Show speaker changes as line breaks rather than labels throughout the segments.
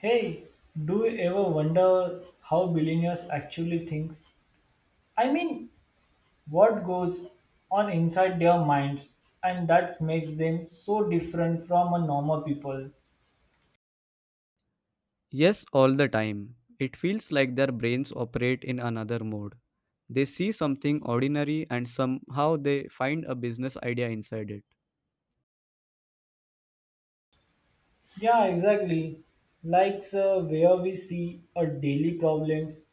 Hey, do you ever wonder how billionaires actually think? I mean, what goes on inside their minds and that makes them so different from a normal people?
Yes, all the time. It feels like their brains operate in another mode. They see something ordinary and somehow they find a business idea inside it.
Yeah, exactly. Like sir, where we see a daily problems,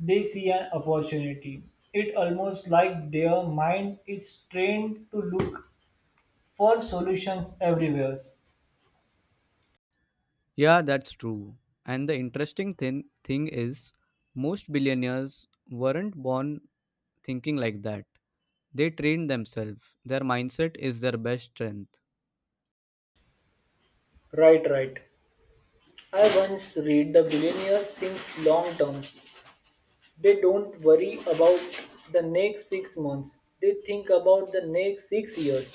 they see an opportunity. It almost like their mind is trained to look for solutions everywhere.
Yeah, that's true. And the interesting thing is, most billionaires weren't born thinking like that. They train themselves. Their mindset is their best strength.
Right, right. I once read the billionaires think long term. They don't worry about the next six months. They think about the next six years.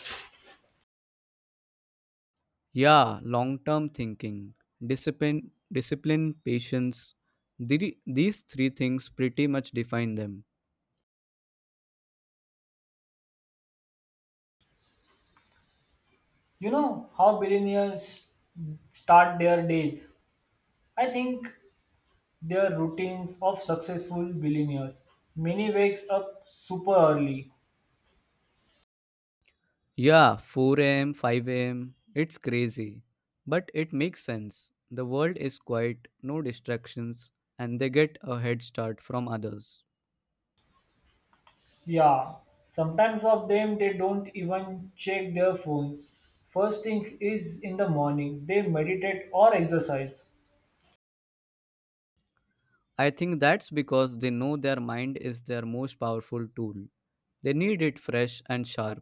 Yeah, long-term thinking, discipline, discipline, patience. These three things pretty much define them.
You know how billionaires start their days? I think their routines of successful billionaires. Many wakes up super early.
Yeah, 4 a.m., 5 a.m. It's crazy. But it makes sense. The world is quiet, no distractions, and they get a head start from others.
Yeah. Sometimes of them they don't even check their phones. First thing is in the morning they meditate or exercise.
I think that's because they know their mind is their most powerful tool. They need it fresh and sharp.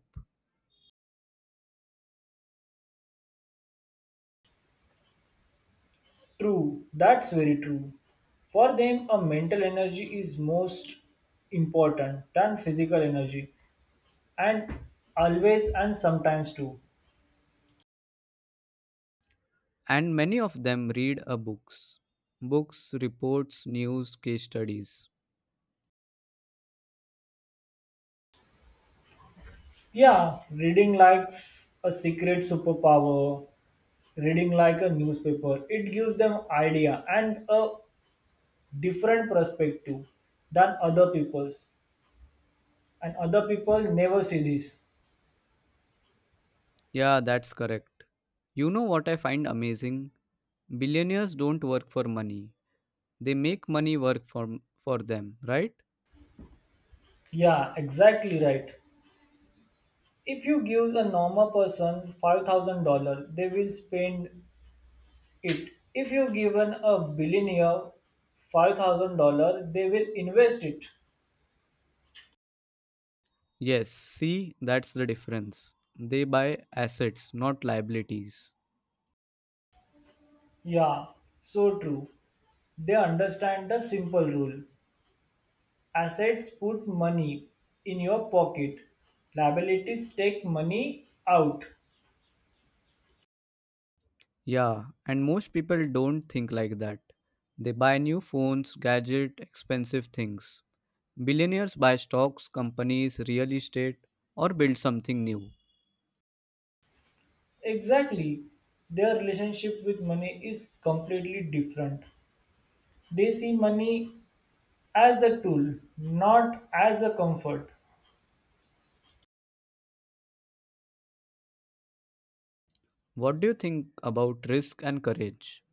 True, that's very true. For them, a mental energy is most important than physical energy, and always and sometimes too.
And many of them read a books. Books, reports, news, case studies.
Yeah, reading likes a secret superpower, reading like a newspaper. It gives them idea and a different perspective than other people's, and other people never see this.
Yeah, that's correct. You know what I find amazing? Billionaires don't work for money. They make money work for them, right?
Yeah, exactly right. If you give a normal person $5,000, they will spend it. If you've given a billionaire $5,000, they will invest it.
Yes, see, that's the difference. They buy assets, not liabilities.
Yeah, so true. They understand the simple rule assets put money in your pocket, liabilities take money out.
Yeah, and most people don't think like that. They buy new phones, gadget, expensive things. Billionaires buy stocks, companies, real estate, or build something new.
Exactly. Their relationship with money is completely different. They see money as a tool, not as a comfort.
What do you think about risk and courage?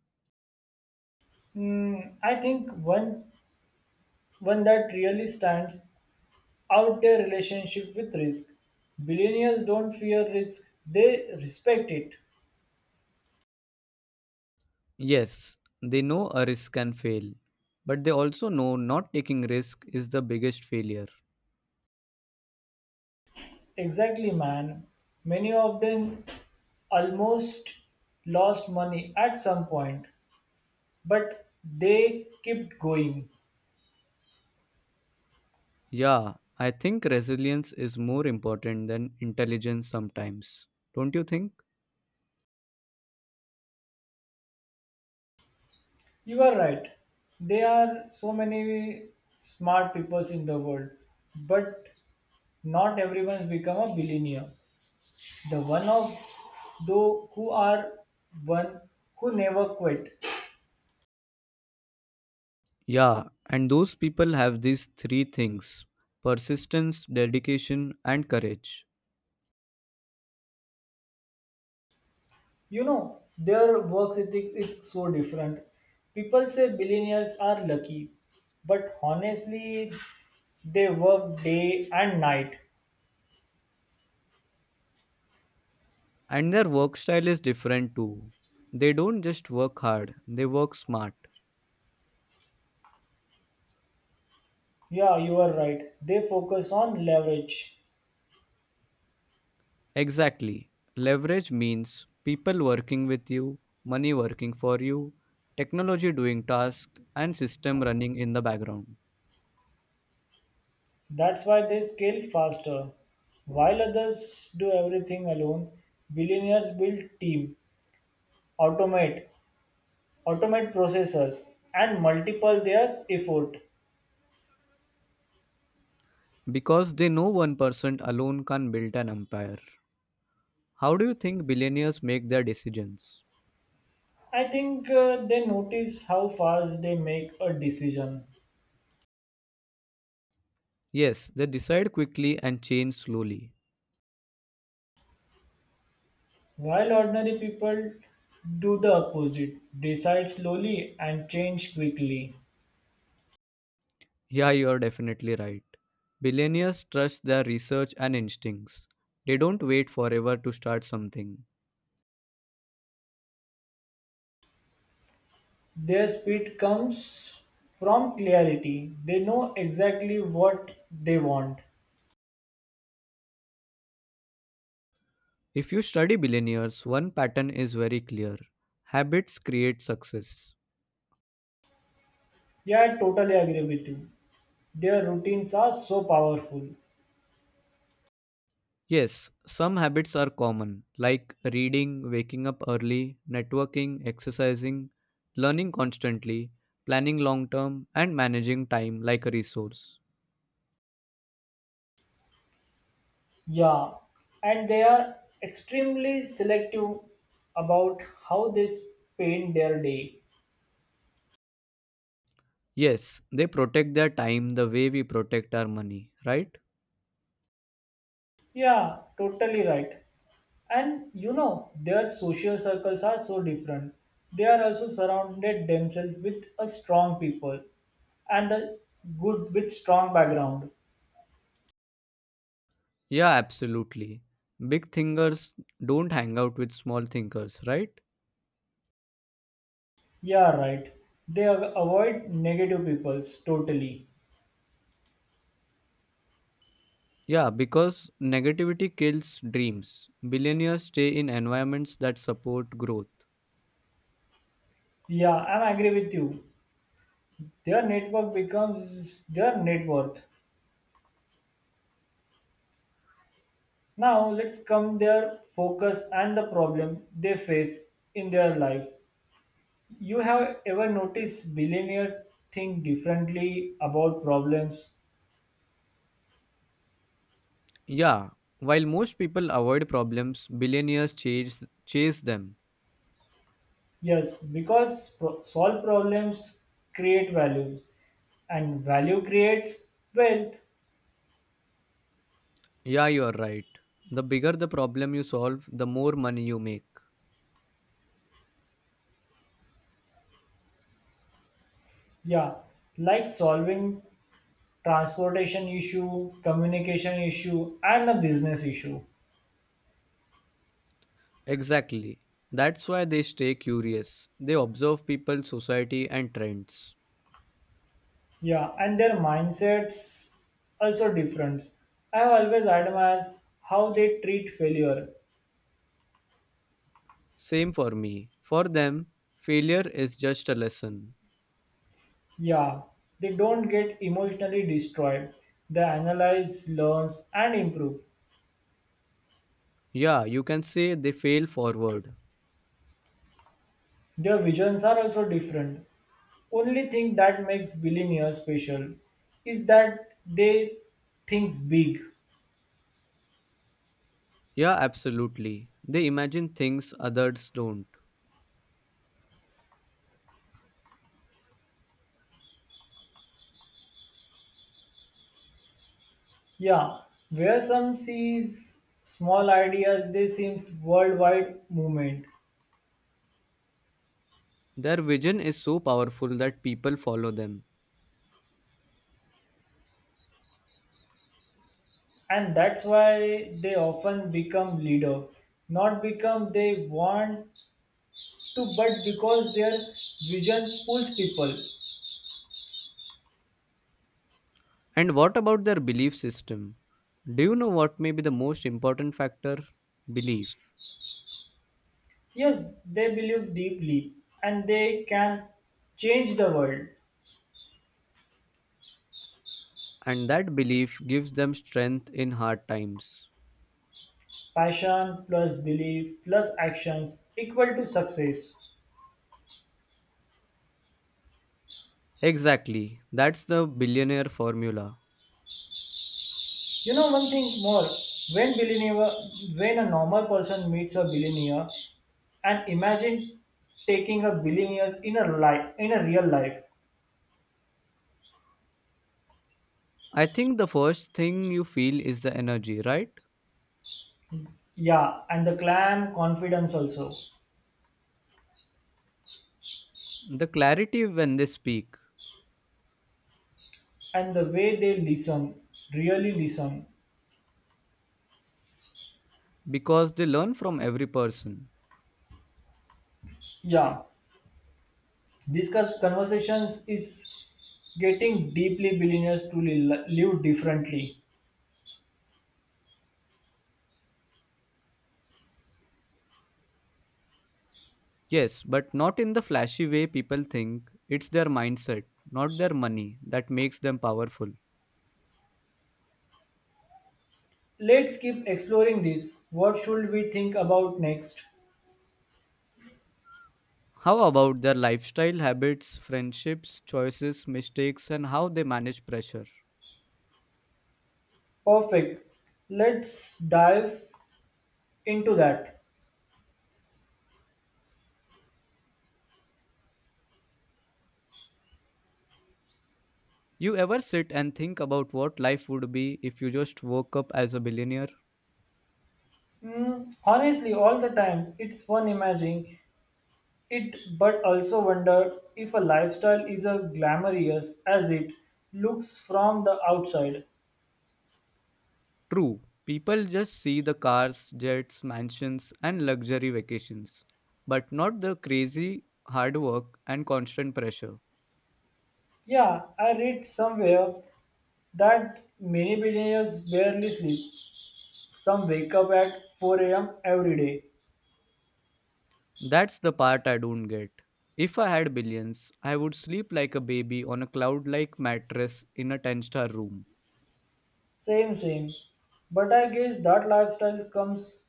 Mm, I think one that really stands out their relationship with risk. Billionaires don't fear risk, they respect it.
Yes, they know a risk can fail, but they also know not taking risk is the biggest failure.
Exactly, man. Many of them almost lost money at some point, but they kept going.
Yeah, I think resilience is more important than intelligence sometimes. Don't you think?
You are right. There are so many smart people in the world, but not everyone's become a billionaire. The one of those who are one who never quit.
Yeah, and those people have these three things persistence, dedication, and courage.
You know their work ethic is so different. People say billionaires are lucky, but honestly they work day and night.
And their work style is different too. They don't just work hard, they work smart.
Yeah, you are right, they focus on leverage.
Exactly. Leverage means people working with you, money working for you, technology doing tasks, and system running in the background.
That's why they scale faster while others do everything alone. Billionaires build team, automate, processes, and multiple their effort.
Because they know one person alone can't build an empire. How do you think billionaires make their decisions?
I think they notice how fast they make a decision.
Yes, they decide quickly and change slowly.
While ordinary people do the opposite, decide slowly and change quickly.
Yeah, you are definitely right. Billionaires trust their research and instincts. They don't wait forever to start something.
Their speed comes from clarity. They know exactly what they want.
If you study billionaires, one pattern is very clear habits create success.
Yeah, I totally agree with you. Their routines are so powerful.
Yes, some habits are common, like reading, waking up early, networking, exercising, learning constantly, planning long term, and managing time like a resource.
Yeah, and they are extremely selective about how they spend their day.
Yes, they protect their time the way we protect our money, right?
Yeah, totally right. And you know their social circles are so different. They are also surrounded themselves with a strong people and a good with strong background.
Yeah, absolutely. Big thinkers don't hang out with small thinkers, right?
Yeah, right, they avoid negative peoples totally.
Yeah, because negativity kills dreams. Billionaires stay in environments that support growth.
Yeah, I'm agree with you. Their network becomes their net worth. Now let's come their focus and the problem they face in their life. You have ever noticed billionaire think differently about problems.
Yeah, while most people avoid problems, billionaires chase them.
Yes, because solve problems create values, and value creates wealth.
Yeah, you're right. The bigger the problem you solve, the more money you make.
Yeah, like solving transportation issue, communication issue, and a business issue.
Exactly. That's why they stay curious. They observe people, society, and trends.
Yeah, and their mindsets also different. I have always admired how they treat failure.
Same for me. For them, failure is just a lesson.
Yeah, they don't get emotionally destroyed. They analyze, learns, and improve.
Yeah, you can say they fail forward.
Their visions are also different. Only thing that makes billionaires special is that they think big.
Yeah, absolutely. They imagine things others don't.
Yeah, where some sees small ideas, they seems worldwide movement,
Their vision is so powerful that people follow them.
and that's why they often become leader. Not become they want to, but because their vision pulls people.
And what about their belief system? Do you know what may be the most important factor? Belief.
Yes, they believe deeply, and they can change the world.
And that belief gives them strength in hard times.
Passion plus belief plus actions equal to success.
Exactly. That's the billionaire formula.
You know one thing more. When billionaire, when a normal person meets a billionaire, and imagine taking a billionaires in a life in a real life.
I think the first thing you feel is the energy, right?
Yeah, and the clam confidence also,
The clarity when they speak,
and the way they listen, really listen.
because they learn from every person.
Yeah, these kinds of conversations is getting deeply billionaires to live differently.
Yes, but not in the flashy way people think. It's their mindset, not their money, that makes them powerful.
Let's keep exploring this. What should we think about next?
How about their lifestyle, habits, friendships, choices, mistakes, and how they manage pressure?
Perfect. Let's dive into that.
You ever sit and think about what life would be if you just woke up as a billionaire?
Hmm, honestly, all the time, it's fun imagining it, but also wonder if a lifestyle is as glamorous as it looks from the outside.
True, people just see the cars, jets, mansions, and luxury vacations, but not the crazy hard work and constant pressure.
Yeah, I read somewhere that many billionaires barely sleep. Some wake up at 4 a.m. every day.
That's the part I don't get. If I had billions, I would sleep like a baby on a cloud like mattress in a 10-star room.
Same, same. But I guess that lifestyle comes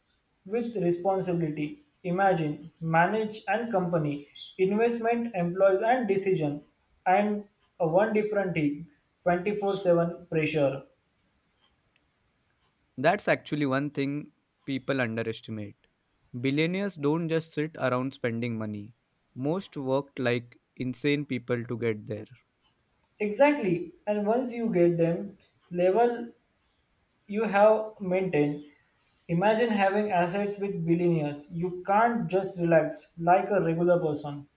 with responsibility. Imagine, manage and company, investment, employees and decision, and a one different team, 24/7 pressure.
That's actually one thing people underestimate. Billionaires don't just sit around spending money. Most worked like insane people to get there.
Exactly. And once you get them, level you have maintained. Imagine having assets with billionaires. You can't just relax like a regular person.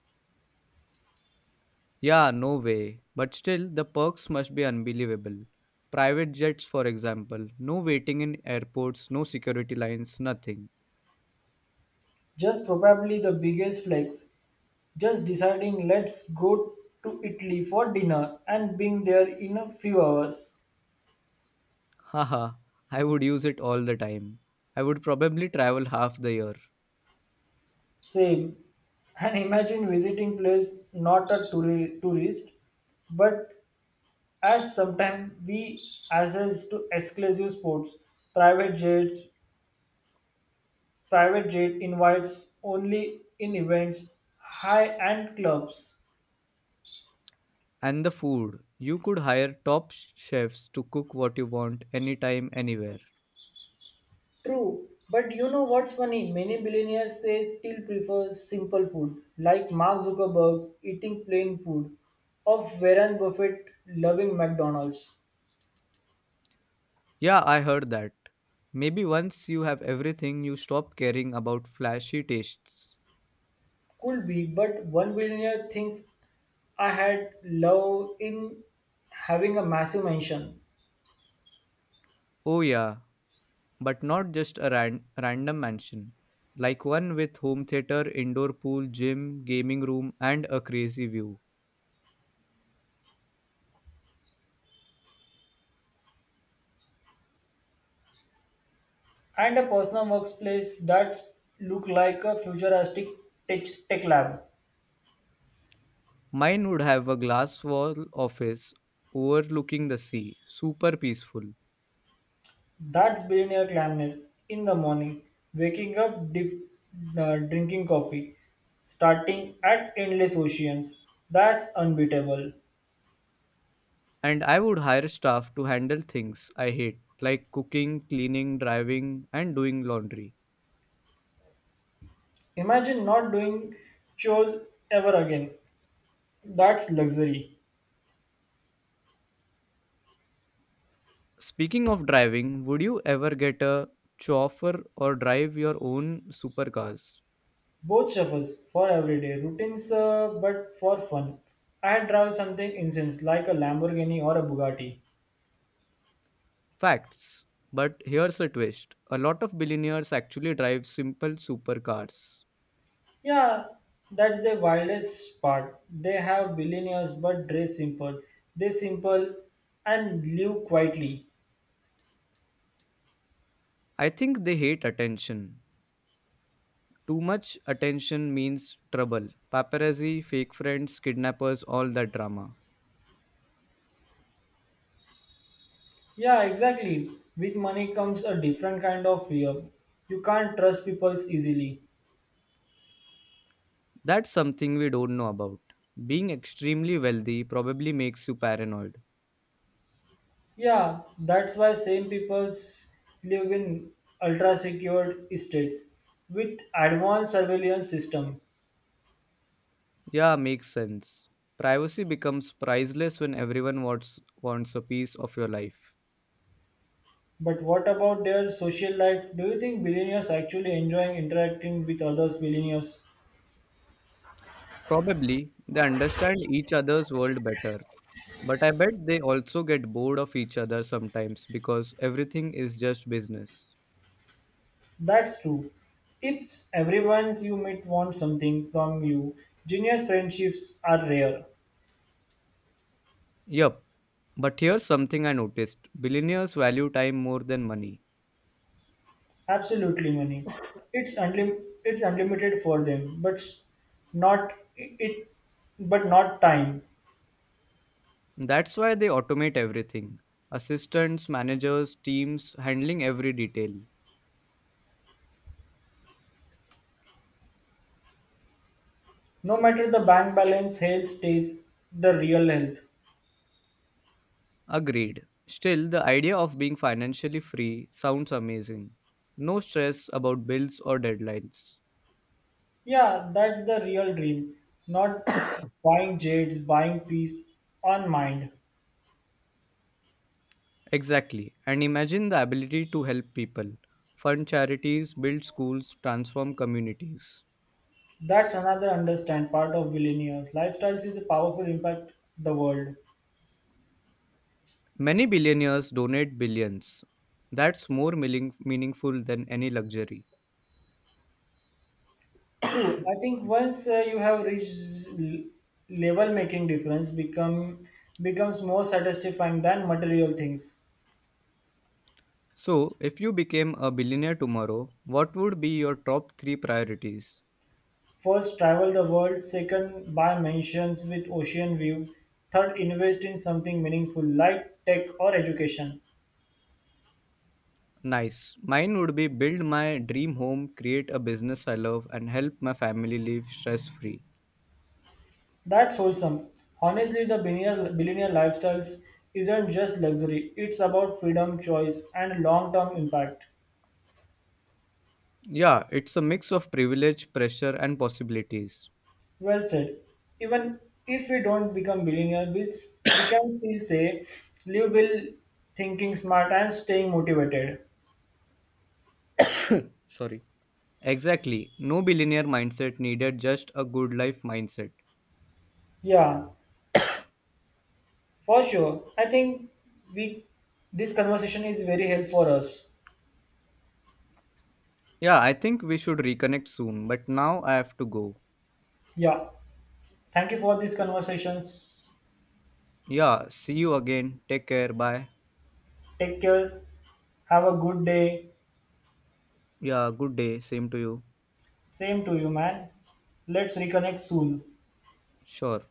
Yeah, no way. But still, the perks must be unbelievable. Private jets, for example, no waiting in airports, no security lines, nothing.
Just probably the biggest flex. Just deciding let's go to Italy for dinner and being there in a few hours.
Haha, I would use it all the time. I would probably travel half the year.
Same. And imagine visiting place not a tourist, but as sometimes we access to exclusive sports, private jets, private jet invites only in events, high end clubs.
And the food. You could hire top chefs to cook what you want anytime, anywhere.
True, but you know what's funny? Many billionaires say still prefer simple food, like Mark Zuckerberg eating plain food, of Warren Buffett loving McDonald's.
Yeah, I heard that. Maybe once you have everything, you stop caring about flashy tastes.
Could be, but one billionaire thinks I had love in having a massive mansion
Oh, yeah, but not just a random mansion. Like one with home theater, indoor pool, gym, gaming room, and a crazy view.
and a personal workplace that look like a futuristic tech lab.
Mine would have a glass wall office overlooking the sea, super peaceful.
That's billionaire calmness. In the morning, waking up, dip, drinking coffee, starting at endless oceans. That's unbeatable.
And I would hire staff to handle things I hate, like cooking, cleaning, driving, and doing laundry.
Imagine not doing chores ever again. That's luxury.
Speaking of driving, would you ever get a chauffeur or drive your own supercars?
Both shuffles for everyday routines, but for fun. I'd drive something intense like a Lamborghini or a Bugatti.
Facts. But here's a twist a lot of billionaires actually drive simple supercars.
Yeah, that's the wildest part. They have billionaires but dress simple. They simple and live quietly.
I think they hate attention. Too much attention means trouble. Paparazzi, fake friends, kidnappers, all that drama.
Yeah, exactly. With money comes a different kind of fear. You can't trust people easily.
That's something we don't know about. Being extremely wealthy probably makes you paranoid.
Yeah, that's why same peoples live in ultra secure estates with advanced surveillance system.
Yeah, makes sense. Privacy becomes priceless when everyone wants a piece of your life.
But what about their social life? Do you think billionaires actually enjoying interacting with others billionaires?
Probably they understand each other's world better, but I bet they also get bored of each other sometimes because everything is just business.
That's true. If everyone you meet wants something from you, genius friendships are rare.
Yup. But here's something I noticed. Billionaires value time more than money.
Absolutely, money. It's unlimited for them, but not but not time.
That's why they automate everything. Assistants, managers, teams handling every detail.
No matter the bank balance, health stays the real health.
Agreed. Still, the idea of being financially free sounds amazing. No stress about bills or deadlines.
Yeah, that's the real dream. Not buying jades, buying peace on mind.
Exactly. And imagine the ability to help people, fund charities, build schools, transform communities.
That's another understand part of billionaires. Lifestyles is a powerful impact the world.
Many billionaires donate billions. That's more meaningful than any luxury.
True. I think once you have reached level making difference becomes more satisfying than material things.
So, if you became a billionaire tomorrow, what would be your top three priorities?
First, travel the world. Second, buy mansions with ocean view. Third, invest in something meaningful like tech or education.
Nice. Mine would be build my dream home, create a business I love, and help my family live stress free.
That's wholesome. Honestly, the billionaire lifestyles isn't just luxury. It's about freedom, choice, and long-term impact.
Yeah, it's a mix of privilege, pressure, and possibilities.
Well said. Even if we don't become billionaire, we can still say live well, thinking smart, and staying motivated.
Sorry. Exactly. No billionaire mindset needed, just a good life mindset.
Yeah, for sure. I think we this conversation is very helpful for us.
Yeah, I think we should reconnect soon, but now I have to go.
Yeah. Thank you for these conversations.
Yeah, see you again. Take care. Bye.
Take care. Have a good day.
Yeah, good day. Same to you.
Same to you, man. Let's reconnect soon.
Sure.